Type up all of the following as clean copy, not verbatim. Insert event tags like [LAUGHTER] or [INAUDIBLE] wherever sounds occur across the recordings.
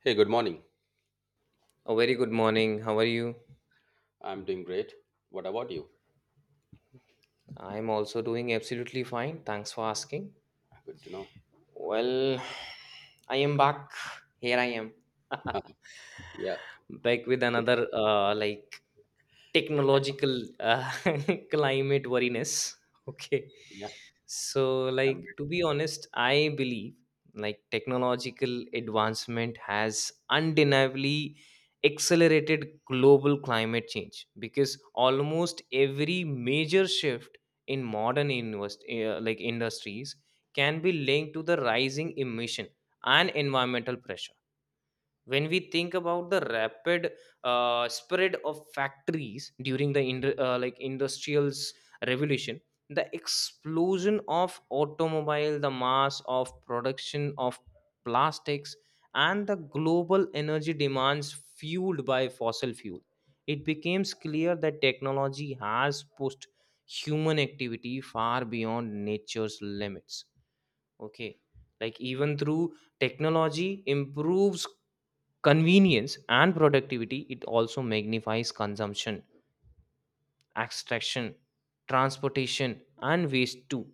Hey, good morning. A very good morning. How are you? I'm doing great. What about you? I'm also doing absolutely fine. Thanks for asking. Good to know. Well, [SIGHS] I am back. Here I am. [LAUGHS] Yeah, Back with good. another I know. technological [LAUGHS] climate worriness. Okay, Yeah, so I'm like ready. to be honest, I believe technological advancement has undeniably accelerated global climate change, because almost every major shift in modern invest, like industries can be linked to the rising emission and environmental pressure. When we think about the rapid spread of factories during the industrials revolution, the explosion of automobile, the mass of production of plastics, and the global energy demands fueled by fossil fuel, it becomes clear that technology has pushed human activity far beyond nature's limits. Okay, like even through technology improves convenience and productivity, it also magnifies consumption, extraction, transportation, and waste too.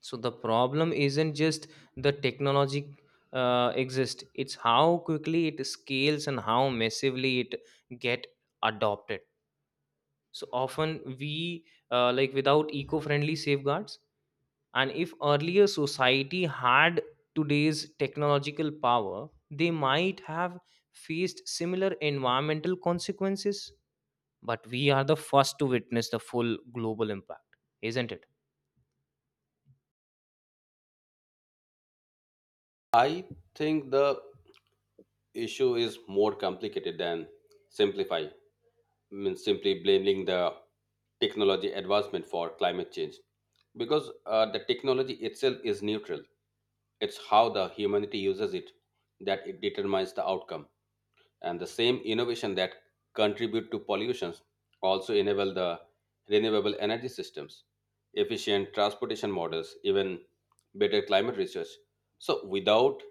So the problem isn't just the technology exist, it's how quickly it scales and how massively it get adopted. So often we without eco-friendly safeguards. And if earlier society had today's technological power, they might have faced similar environmental consequences, but we are the first to witness the full global impact, isn't it? I think the issue is more complicated than simplify. Means simply blaming the technology advancement for climate change because the technology itself is neutral. It's how the humanity uses it that it determines the outcome. And the same innovation that contribute to pollutions also enable the renewable energy systems, efficient transportation models, even better climate research. So without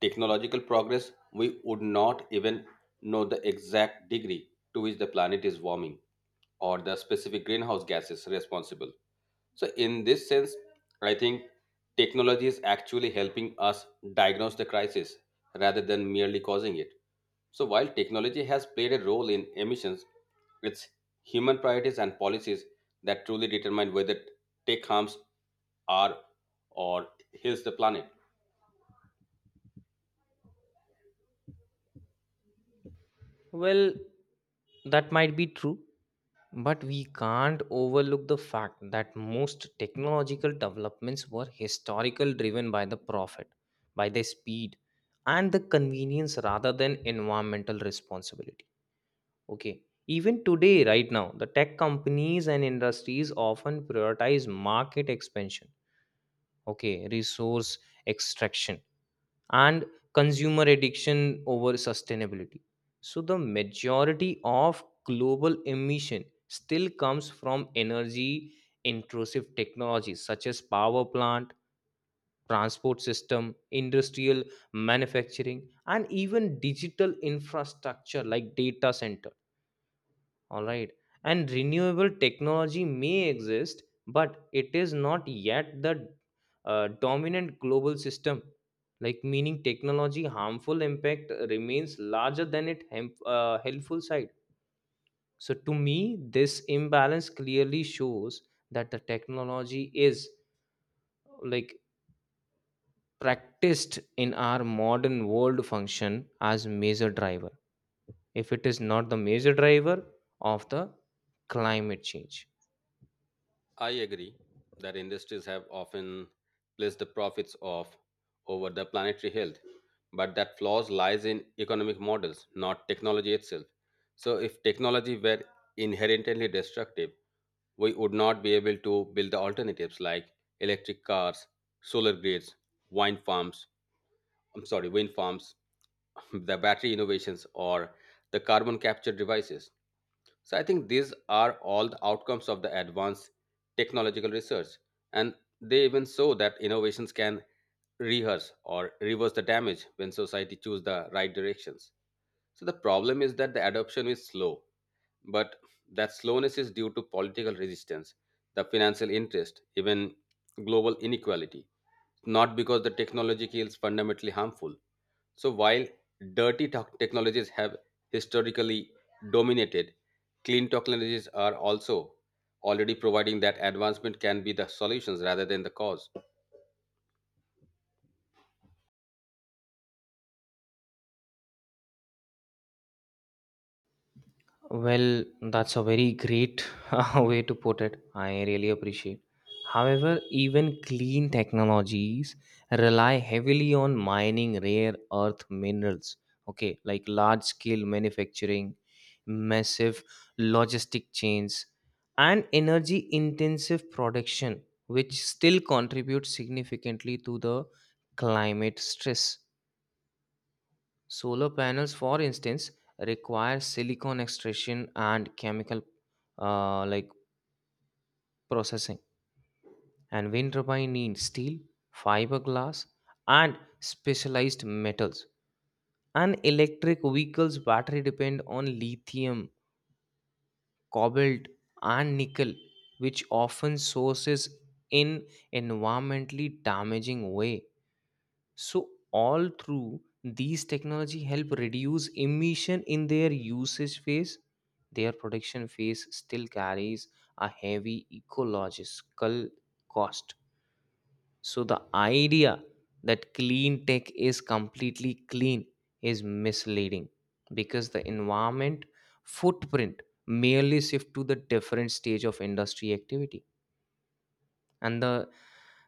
technological progress, we would not even know the exact degree to which the planet is warming, or the specific greenhouse gases responsible. So, in this sense, I think technology is actually helping us diagnose the crisis rather than merely causing it. So, while technology has played a role in emissions, it's human priorities and policies that truly determine whether tech harms our or heals the planet. Well, that might be true, but we can't overlook the fact that most technological developments were historical driven by the profit, by the speed and the convenience rather than environmental responsibility. Okay. Even today, right now, the tech companies and industries often prioritize market expansion, okay, resource extraction and consumer addiction over sustainability. So, the majority of global emission still comes from energy intrusive technologies such as power plant, transport system, industrial manufacturing, and even digital infrastructure like data center, all right. And renewable technology may exist, but it is not yet the dominant global system. Like meaning technology harmful impact remains larger than it helpful side. So to me, this imbalance clearly shows that the technology is, like, practiced in our modern world function as major driver. If it is not the major driver of the climate change. I agree that industries have often placed the profits of over the planetary health, but that flaws lies in economic models, not technology itself. So if technology were inherently destructive, we would not be able to build the alternatives like electric cars, solar grids, wind farms, I'm sorry, wind farms, [LAUGHS] the battery innovations or the carbon capture devices. So I think these are all the outcomes of the advanced technological research. And they even show that innovations can rehearse or reverse the damage when society choose the right directions. So the problem is that the adoption is slow, but that slowness is due to political resistance, the financial interest, even global inequality, not because the technology is fundamentally harmful. So while technologies have historically dominated, clean technologies are also already providing that advancement can be the solutions rather than the cause. Well, that's a very great [LAUGHS] way to put it. I really appreciate. However, even clean technologies rely heavily on mining rare earth minerals. Okay, like large scale manufacturing, massive logistic chains, and energy intensive production, which still contribute significantly to the climate stress. Solar panels, for instance, require silicon extraction and chemical uh, like processing, and wind turbine need steel, fiberglass, and specialized metals. And electric vehicles' battery depend on lithium, cobalt, and nickel, which often sources in environmentally damaging way. So all through these technology help reduce emission in their usage phase, their production phase still carries a heavy ecological cost. So the idea that clean tech is completely clean is misleading, because the environment footprint merely shift to the different stage of industry activity. And the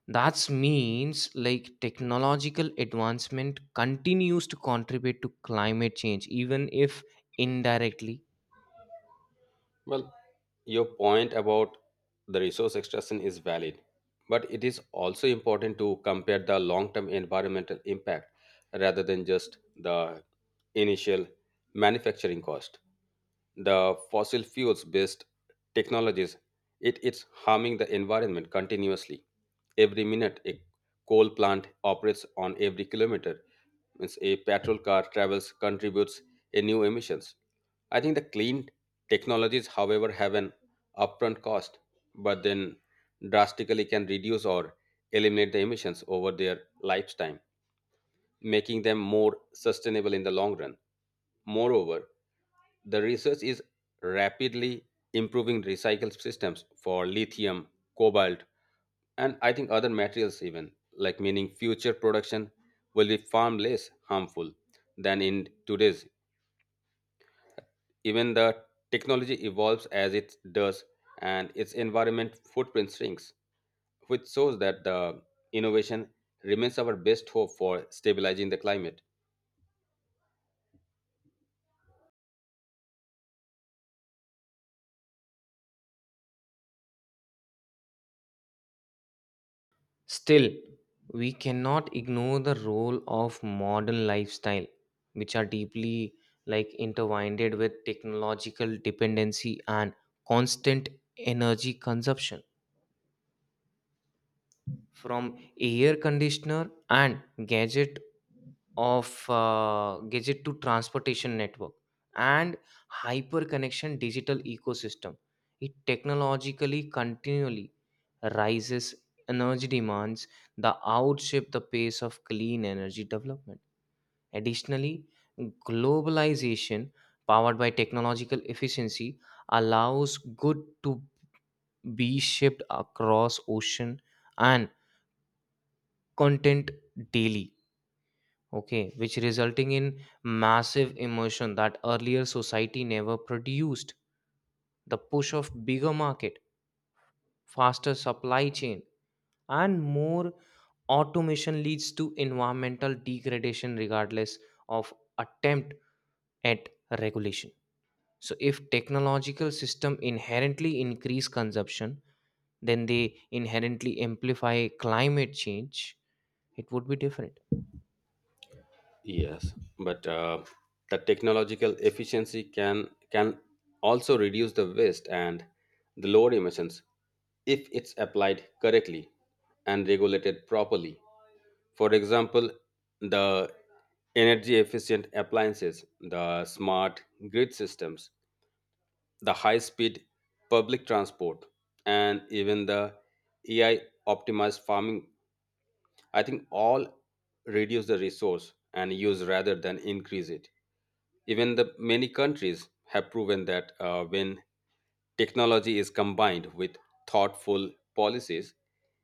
that means, like, technological advancement continues to contribute to climate change, even if indirectly. Well, your point about the resource extraction is valid, but it is also important to compare the long term environmental impact rather than just the initial manufacturing cost. The fossil fuels based technologies, it's harming the environment continuously. Every minute a coal plant operates, on every kilometer means a petrol car travels, contributes a new emissions. I think the clean technologies however have an upfront cost, but then drastically can reduce or eliminate the emissions over their lifetime, making them more sustainable in the long run. Moreover, the research is rapidly improving recycle systems for lithium, cobalt, and I think other materials even, like meaning future production will be far less harmful than in today's. Even the technology evolves as it does and its environment footprint shrinks, which shows that the innovation remains our best hope for stabilizing the climate. Still, we cannot ignore the role of modern lifestyle, which are deeply, like, intertwined with technological dependency and constant energy consumption. From air conditioner and gadget of gadget to transportation network and hyper connection digital ecosystem, it technologically continually rises energy demands, the outstrip the pace of clean energy development. Additionally, globalization powered by technological efficiency allows good to be shipped across ocean and content daily, okay, which resulting in massive immersion that earlier society never produced. The push of bigger market, faster supply chain, and more automation leads to environmental degradation regardless of attempt at regulation. So if technological system inherently increase consumption, then they inherently amplify climate change. It would be different. Yes, but the technological efficiency can also reduce the waste and the lower emissions if it's applied correctly and regulated properly. For example, the energy efficient appliances, the smart grid systems, the high speed public transport, and even the AI optimized farming, I think all reduce the resource and use rather than increase it. Even the many countries have proven that when technology is combined with thoughtful policies,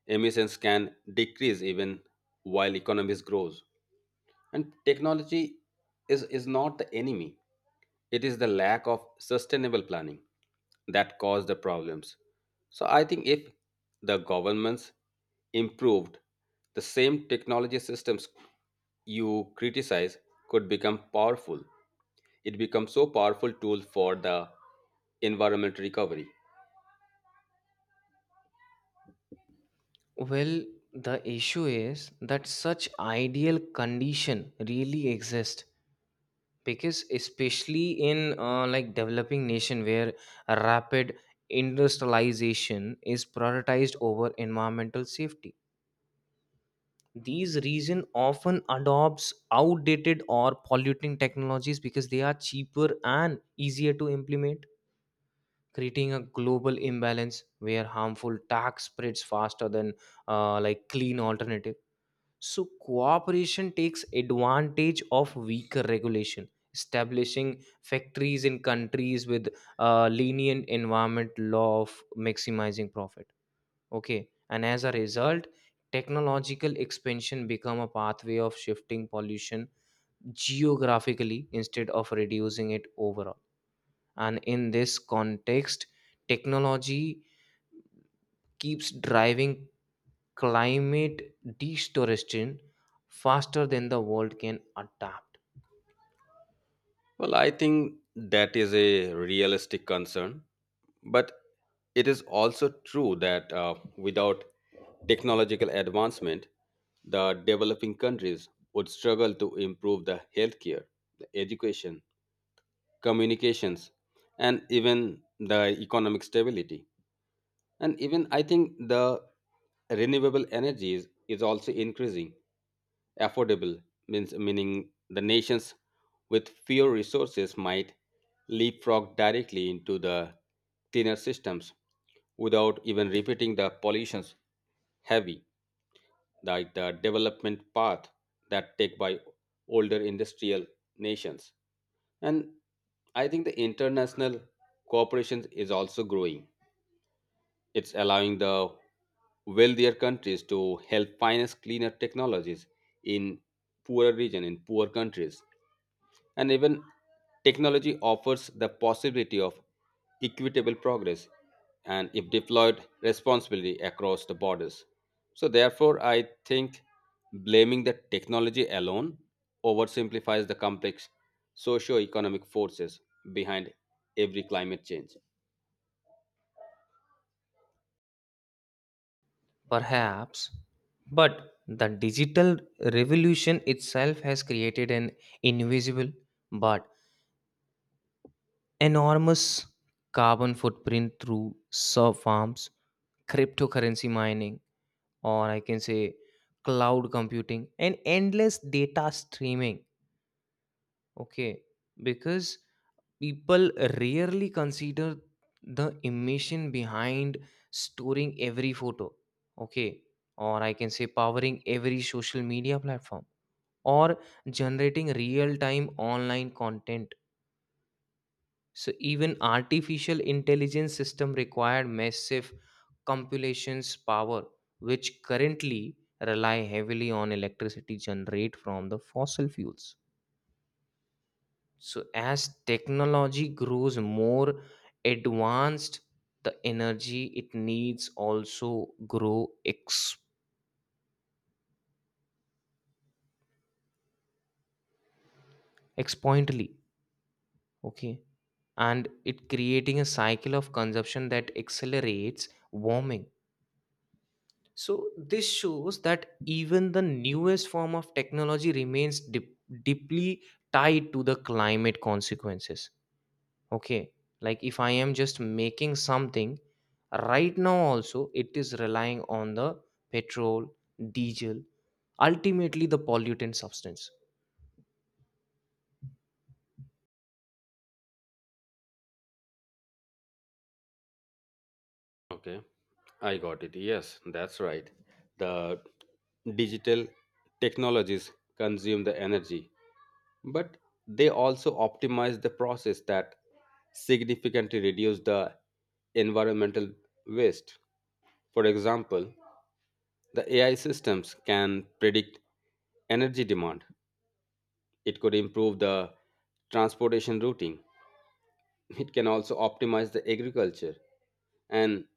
emissions can decrease even while economies grows. And technology is not the enemy. It is the lack of sustainable planning that caused the problems. So I think if the governments improved, the same technology systems you criticize could become powerful. It becomes so powerful tool for the environmental recovery. Well, the issue is that such ideal condition really exist, because especially in developing nation where rapid industrialization is prioritized over environmental safety. These region often adopts outdated or polluting technologies because they are cheaper and easier to implement, creating a global imbalance where harmful tax spreads faster than clean alternative. So cooperation takes advantage of weaker regulation, establishing factories in countries with lenient environment law of maximizing profit. Okay, and as a result, technological expansion become a pathway of shifting pollution geographically instead of reducing it overall. And in this context, technology keeps driving climate destoration faster than the world can adapt. Well, I think that is a realistic concern, but it is also true that without technological advancement, the developing countries would struggle to improve the healthcare, the education, communications, and even the economic stability. And even I think the renewable energies is also increasing affordable, means meaning the nations with fewer resources might leapfrog directly into the cleaner systems without even repeating the pollutions heavy, like the development path that take by older industrial nations. And I think the international cooperation is also growing. It's allowing the wealthier countries to help finance cleaner technologies in poorer regions, in poor countries. And even technology offers the possibility of equitable progress and if deployed responsibly across the borders. So therefore I think blaming the technology alone oversimplifies the complex socio-economic forces behind every climate change. Perhaps, but the digital revolution itself has created an invisible but enormous carbon footprint through surf farms, cryptocurrency mining, or I can say cloud computing, and endless data streaming. Okay, because people rarely consider the emotion behind storing every photo, okay, or I can say powering every social media platform, or generating real time online content. So even artificial intelligence system required massive compilations power, which currently rely heavily on electricity generated from the fossil fuels. So, as technology grows more advanced, the energy it needs also grow exponentially. Okay, and it creating a cycle of consumption that accelerates warming. So, this shows that even the newest form of technology remains deeply tied to the climate consequences. Okay, like if I am just making something right now also, it is relying on the petrol, diesel, ultimately the pollutant substance. Okay, I got it. Yes, that's right. The digital technologies consume the energy, but they also optimize the process that significantly reduce the environmental waste. For example, the AI systems can predict energy demand. It could improve the transportation routing. It can also optimize the agriculture and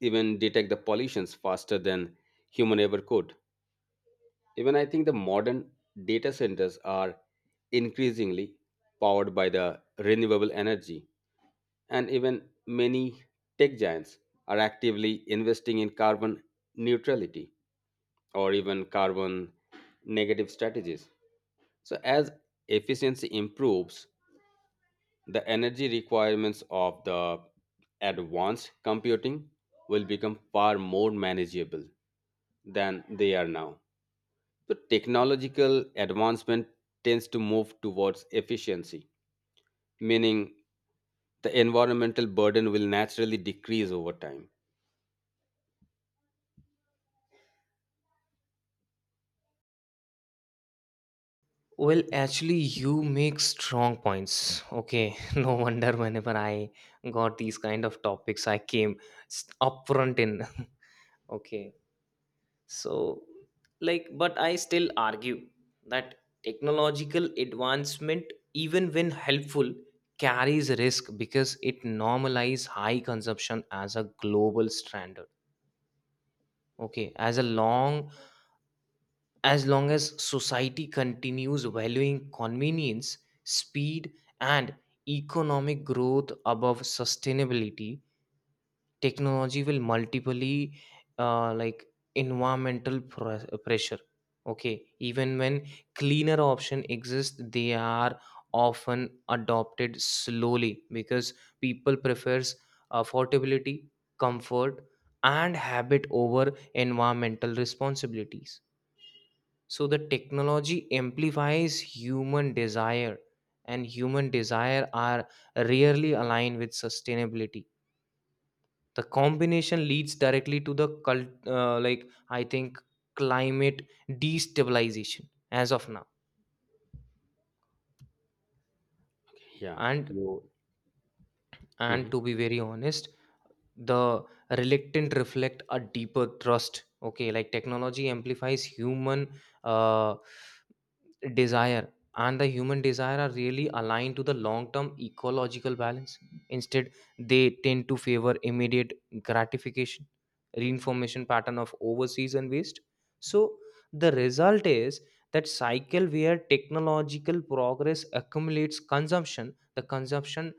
even detect the pollutions faster than human ever could. Even I think the modern data centers are increasingly powered by the renewable energy, and even many tech giants are actively investing in carbon neutrality or even carbon negative strategies. So, as efficiency improves, the energy requirements of the advanced computing will become far more manageable than they are now. The technological advancement tends to move towards efficiency, meaning the environmental burden will naturally decrease over time. Well, actually, you make strong points. Okay, [LAUGHS] no wonder whenever I got these kind of topics, I came upfront in. [LAUGHS] Okay. So, like, but I still argue that technological advancement, even when helpful, carries risk because it normalizes high consumption as a global standard. Okay. As a long as society continues valuing convenience, speed, and economic growth above sustainability, technology will multiply uh, like environmental pressure. Okay, even when cleaner option exist, they are often adopted slowly because people prefers affordability, comfort, and habit over environmental responsibilities. So the technology amplifies human desire, and human desire are rarely aligned with sustainability. The combination leads directly to the cult like I think climate destabilization as of now. Yeah, and you. and Mhm. to be very honest, the reluctant reflect a deeper trust. Okay, like technology amplifies human uh, desire, and the human desire are really aligned to the long term ecological balance. Instead, they tend to favor immediate gratification, reinformation pattern of overseas and waste. So the result is that cycle where technological progress accumulates consumption, the consumption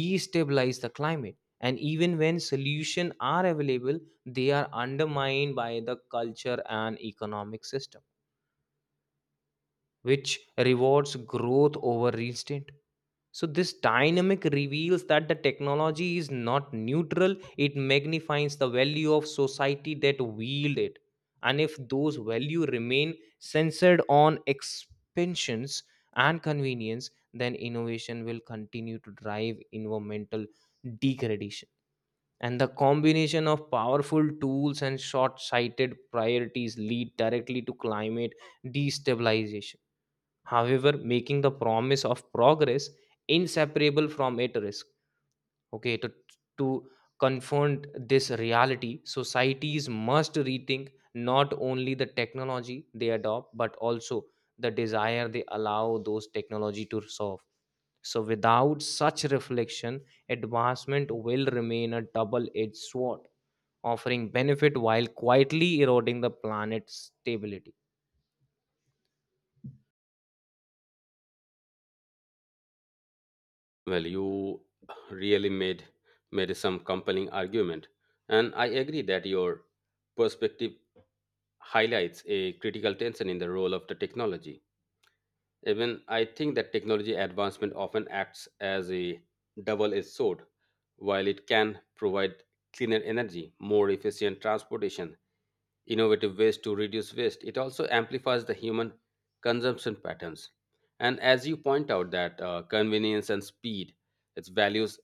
destabilize the climate, and even when solutions are available, they are undermined by the culture and economic system which rewards growth over restraint. So, this dynamic reveals that the technology is not neutral, it magnifies the value of society that wield it. And if those value remain censored on expansions and convenience, then innovation will continue to drive environmental degradation. And the combination of powerful tools and short sighted priorities lead directly to climate destabilization, however making the promise of progress inseparable from at risk. Okay, to confront this reality, societies must rethink not only the technology they adopt, but also the desire they allow those technology to solve. So without such reflection, advancement will remain a double-edged sword, offering benefit while quietly eroding the planet's stability. Well, you really made some compelling argument, and I agree that your perspective highlights a critical tension in the role of the technology. Even I think that technology advancement often acts as a double edged sword. While it can provide cleaner energy, more efficient transportation, innovative ways to reduce waste, it also amplifies the human consumption patterns. And as you point out, that convenience and speed, its values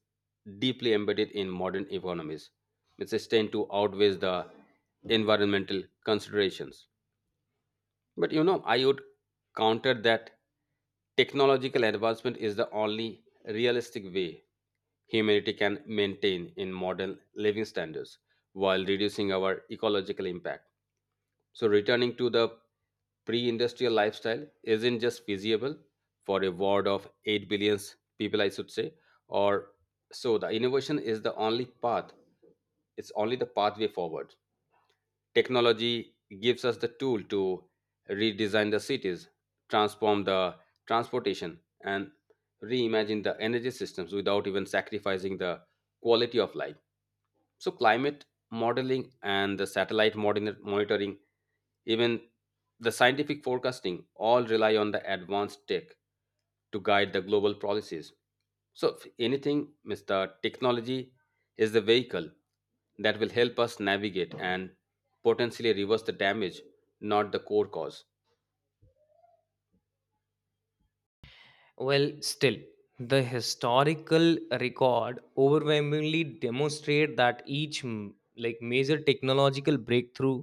deeply embedded in modern economies, which is tend to outweigh the environmental considerations. But you know, I would counter that technological advancement is the only realistic way humanity can maintain in modern living standards while reducing our ecological impact. So, returning to the pre industrial lifestyle isn't just feasible for a world of 8 billion people, I should say, or so. The innovation is the only path, it's only the pathway forward. Technology gives us the tool to redesign the cities, transform the transportation, and reimagine the energy systems without even sacrificing the quality of life. So, climate modeling and the satellite monitoring, even the scientific forecasting, all rely on the advanced tech to guide the global policies. So, if anything, Mr. Technology is the vehicle that will help us navigate and potentially reverse the damage, not the core cause. Well, still, the historical record overwhelmingly demonstrate that each major technological breakthrough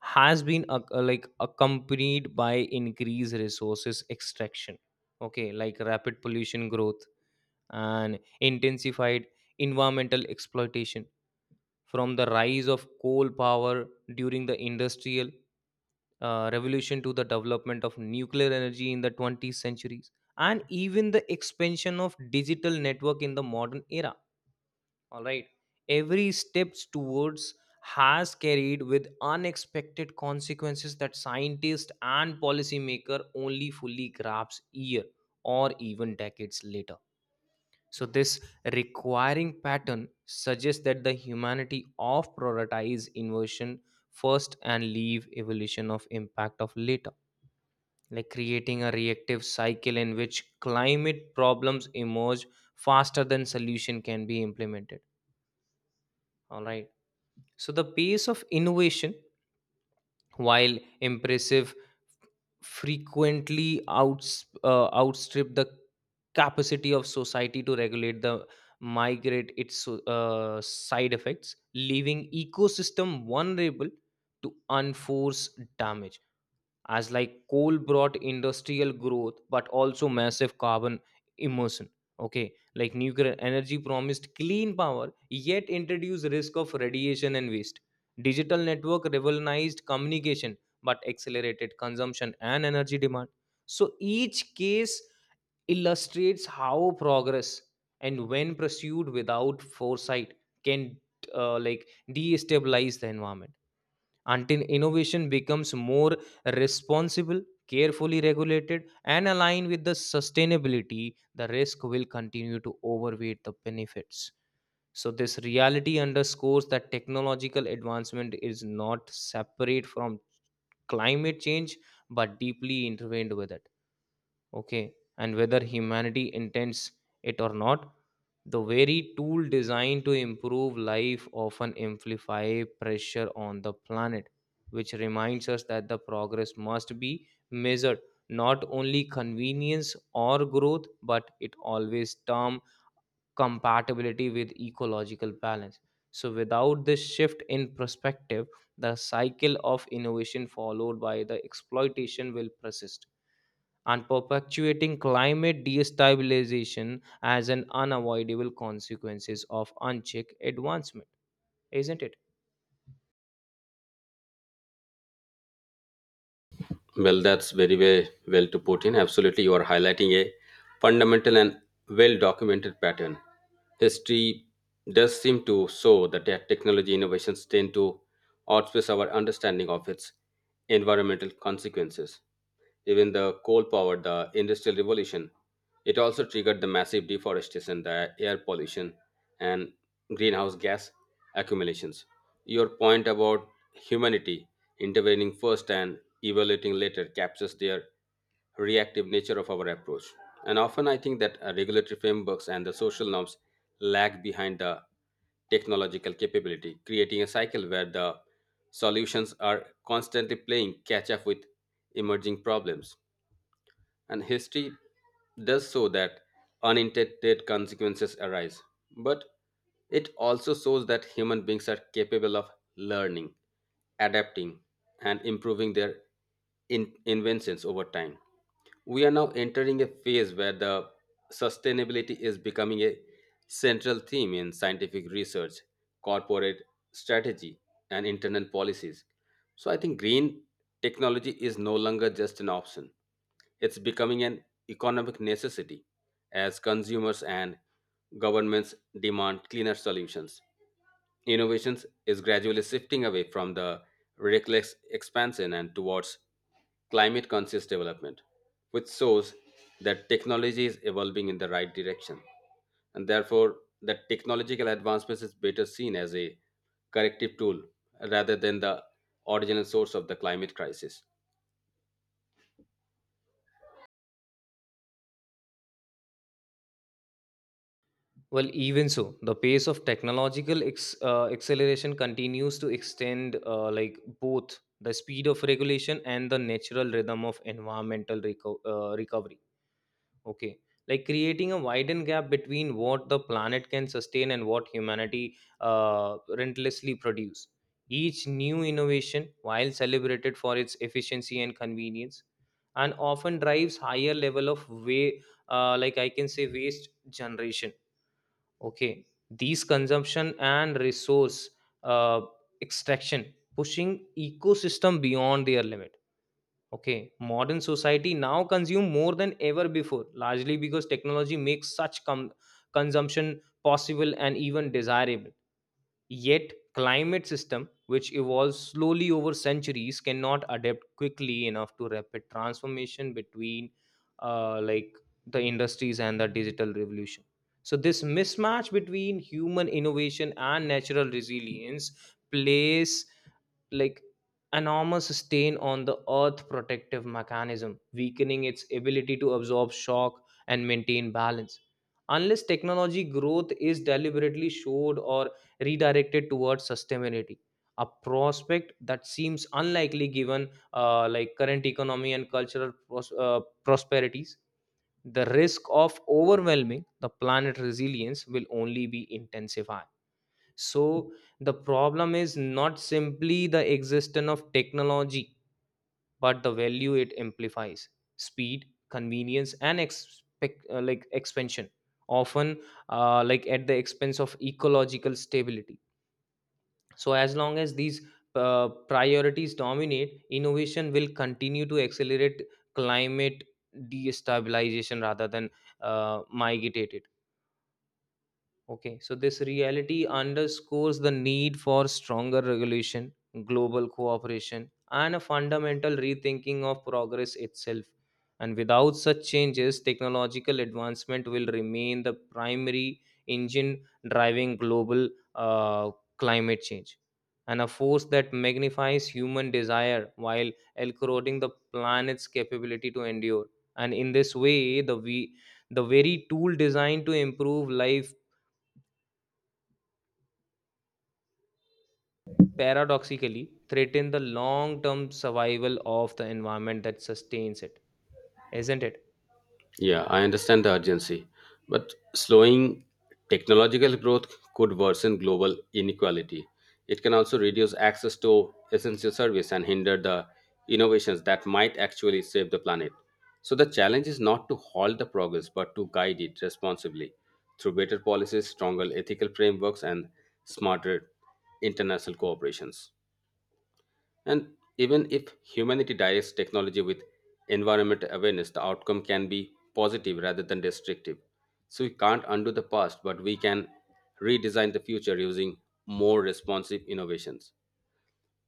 has been accompanied by increased resources extraction. Okay, like rapid pollution growth and intensified environmental exploitation, from the rise of coal power during the industrial revolution, to the development of nuclear energy in the 20th centuries, and even the expansion of digital network in the modern era, all right. Every steps towards has carried with unexpected consequences that scientists and policymaker only fully grasps year or even decades later. So this requiring pattern suggests that the humanity of prioritize inversion first and leave evolution of impact of later, like creating a reactive cycle in which climate problems emerge faster than solution can be implemented, all right. So the pace of innovation, while impressive, frequently outstrip the capacity of society to regulate the migrate its side effects, leaving ecosystem vulnerable to unforced damage. As like coal brought industrial growth but also massive carbon emission. Okay, like nuclear energy promised clean power yet introduced risk of radiation and waste. Digital network revolutionized communication but accelerated consumption and energy demand. So each case illustrates how progress and when pursued without foresight can destabilize the environment. Until innovation becomes more responsible, carefully regulated, and aligned with the sustainability, the risk will continue to overweight the benefits. So this reality underscores that technological advancement is not separate from climate change, but deeply intertwined with it. Okay, and whether humanity intends it or not, the very tool designed to improve life often amplify pressure on the planet, which reminds us that the progress must be measured not only convenience or growth, but it always term compatibility with ecological balance. So without this shift in perspective, the cycle of innovation followed by the exploitation will persist and perpetuating climate destabilization as an unavoidable consequences of unchecked advancement, isn't it? Well, that's very, very well to put in. Absolutely, you are highlighting a fundamental and well documented pattern. History does seem to show that technology innovations tend to outpace our understanding of its environmental consequences. Even the coal powered the industrial revolution. It also triggered the massive deforestation, the air pollution, and greenhouse gas accumulations. Your point about humanity intervening first and evaluating later captures their reactive nature of our approach. And often I think that regulatory frameworks and the social norms lag behind the technological capability, creating a cycle where the solutions are constantly playing catch up with emerging problems, and history does show that unintended consequences arise. But it also shows that human beings are capable of learning, adapting, and improving their inventions over time. We are now entering a phase where the sustainability is becoming a central theme in scientific research, corporate strategy, and internal policies. So I think green technology is no longer just an option. It's becoming an economic necessity as consumers and governments demand cleaner solutions. Innovations is gradually shifting away from the reckless expansion and towards climate conscious development, which shows that technology is evolving in the right direction. And therefore, that technological advancements is better seen as a corrective tool rather than the original source of the climate crisis. Well, even so, the pace of technological acceleration continues to extend both the speed of regulation and the natural rhythm of environmental recovery. Okay, like creating a widened gap between what the planet can sustain and what humanity relentlessly produce. Each new innovation, while celebrated for its efficiency and convenience, and often drives higher level of way, waste generation. Okay, these consumption and resource uh, extraction pushing ecosystem beyond their limit. Okay, modern society now consume more than ever before, largely because technology makes such consumption possible and even desirable. Yet, climate system which evolves slowly over centuries cannot adapt quickly enough to rapid transformation between uh, like the industries and the digital revolution. So this mismatch between human innovation and natural resilience plays, like, enormous stain on the earth protective mechanism, weakening its ability to absorb shock and maintain balance. Unless technology growth is deliberately showed or redirected towards sustainability, a prospect that seems unlikely given current economy and cultural prosperities, the risk of overwhelming the planet resilience will only be intensified. So the problem is not simply the existence of technology, but the value it amplifies: speed, convenience, and expansion, often at the expense of ecological stability. So as long as these priorities dominate, innovation will continue to accelerate climate destabilization rather than migrate it. Okay, so this reality underscores the need for stronger regulation, global cooperation, and a fundamental rethinking of progress itself. And without such changes, technological advancement will remain the primary engine driving global uh, climate change, and a force that magnifies human desire while eroding the planet's capability to endure. And in this way, the very tool designed to improve life paradoxically threaten the long term survival of the environment that sustains it, isn't it? Yeah, I understand the urgency, but slowing technological growth could worsen global inequality. It can also reduce access to essential service and hinder the innovations that might actually save the planet. So the challenge is not to halt the progress, but to guide it responsibly through better policies, stronger ethical frameworks, and smarter international cooperations. And even if humanity directs technology with environment awareness, the outcome can be positive rather than destructive. So we can't undo the past, but we can redesign the future using more responsive innovations.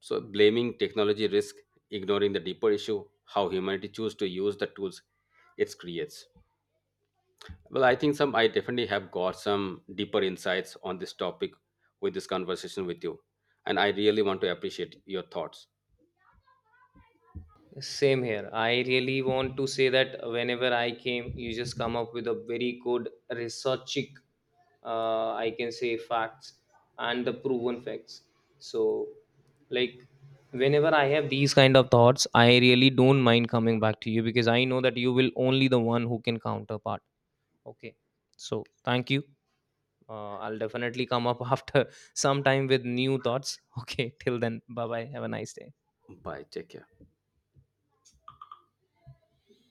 So blaming technology risk ignoring the deeper issue, how humanity choose to use the tools it creates. Well, I think some I definitely have got some deeper insights on this topic with this conversation with you. And I really want to appreciate your thoughts. Same here. I really want to say that whenever I came, you just come up with a very good researching, I can say, facts and the proven facts. So, like, whenever I have these kind of thoughts, I really don't mind coming back to you, because I know that you will only the one who can counterpart. Okay, so thank you. I'll definitely come up [LAUGHS] after some time with new thoughts. Okay, till then, bye bye. Have a nice day. Bye. Take care.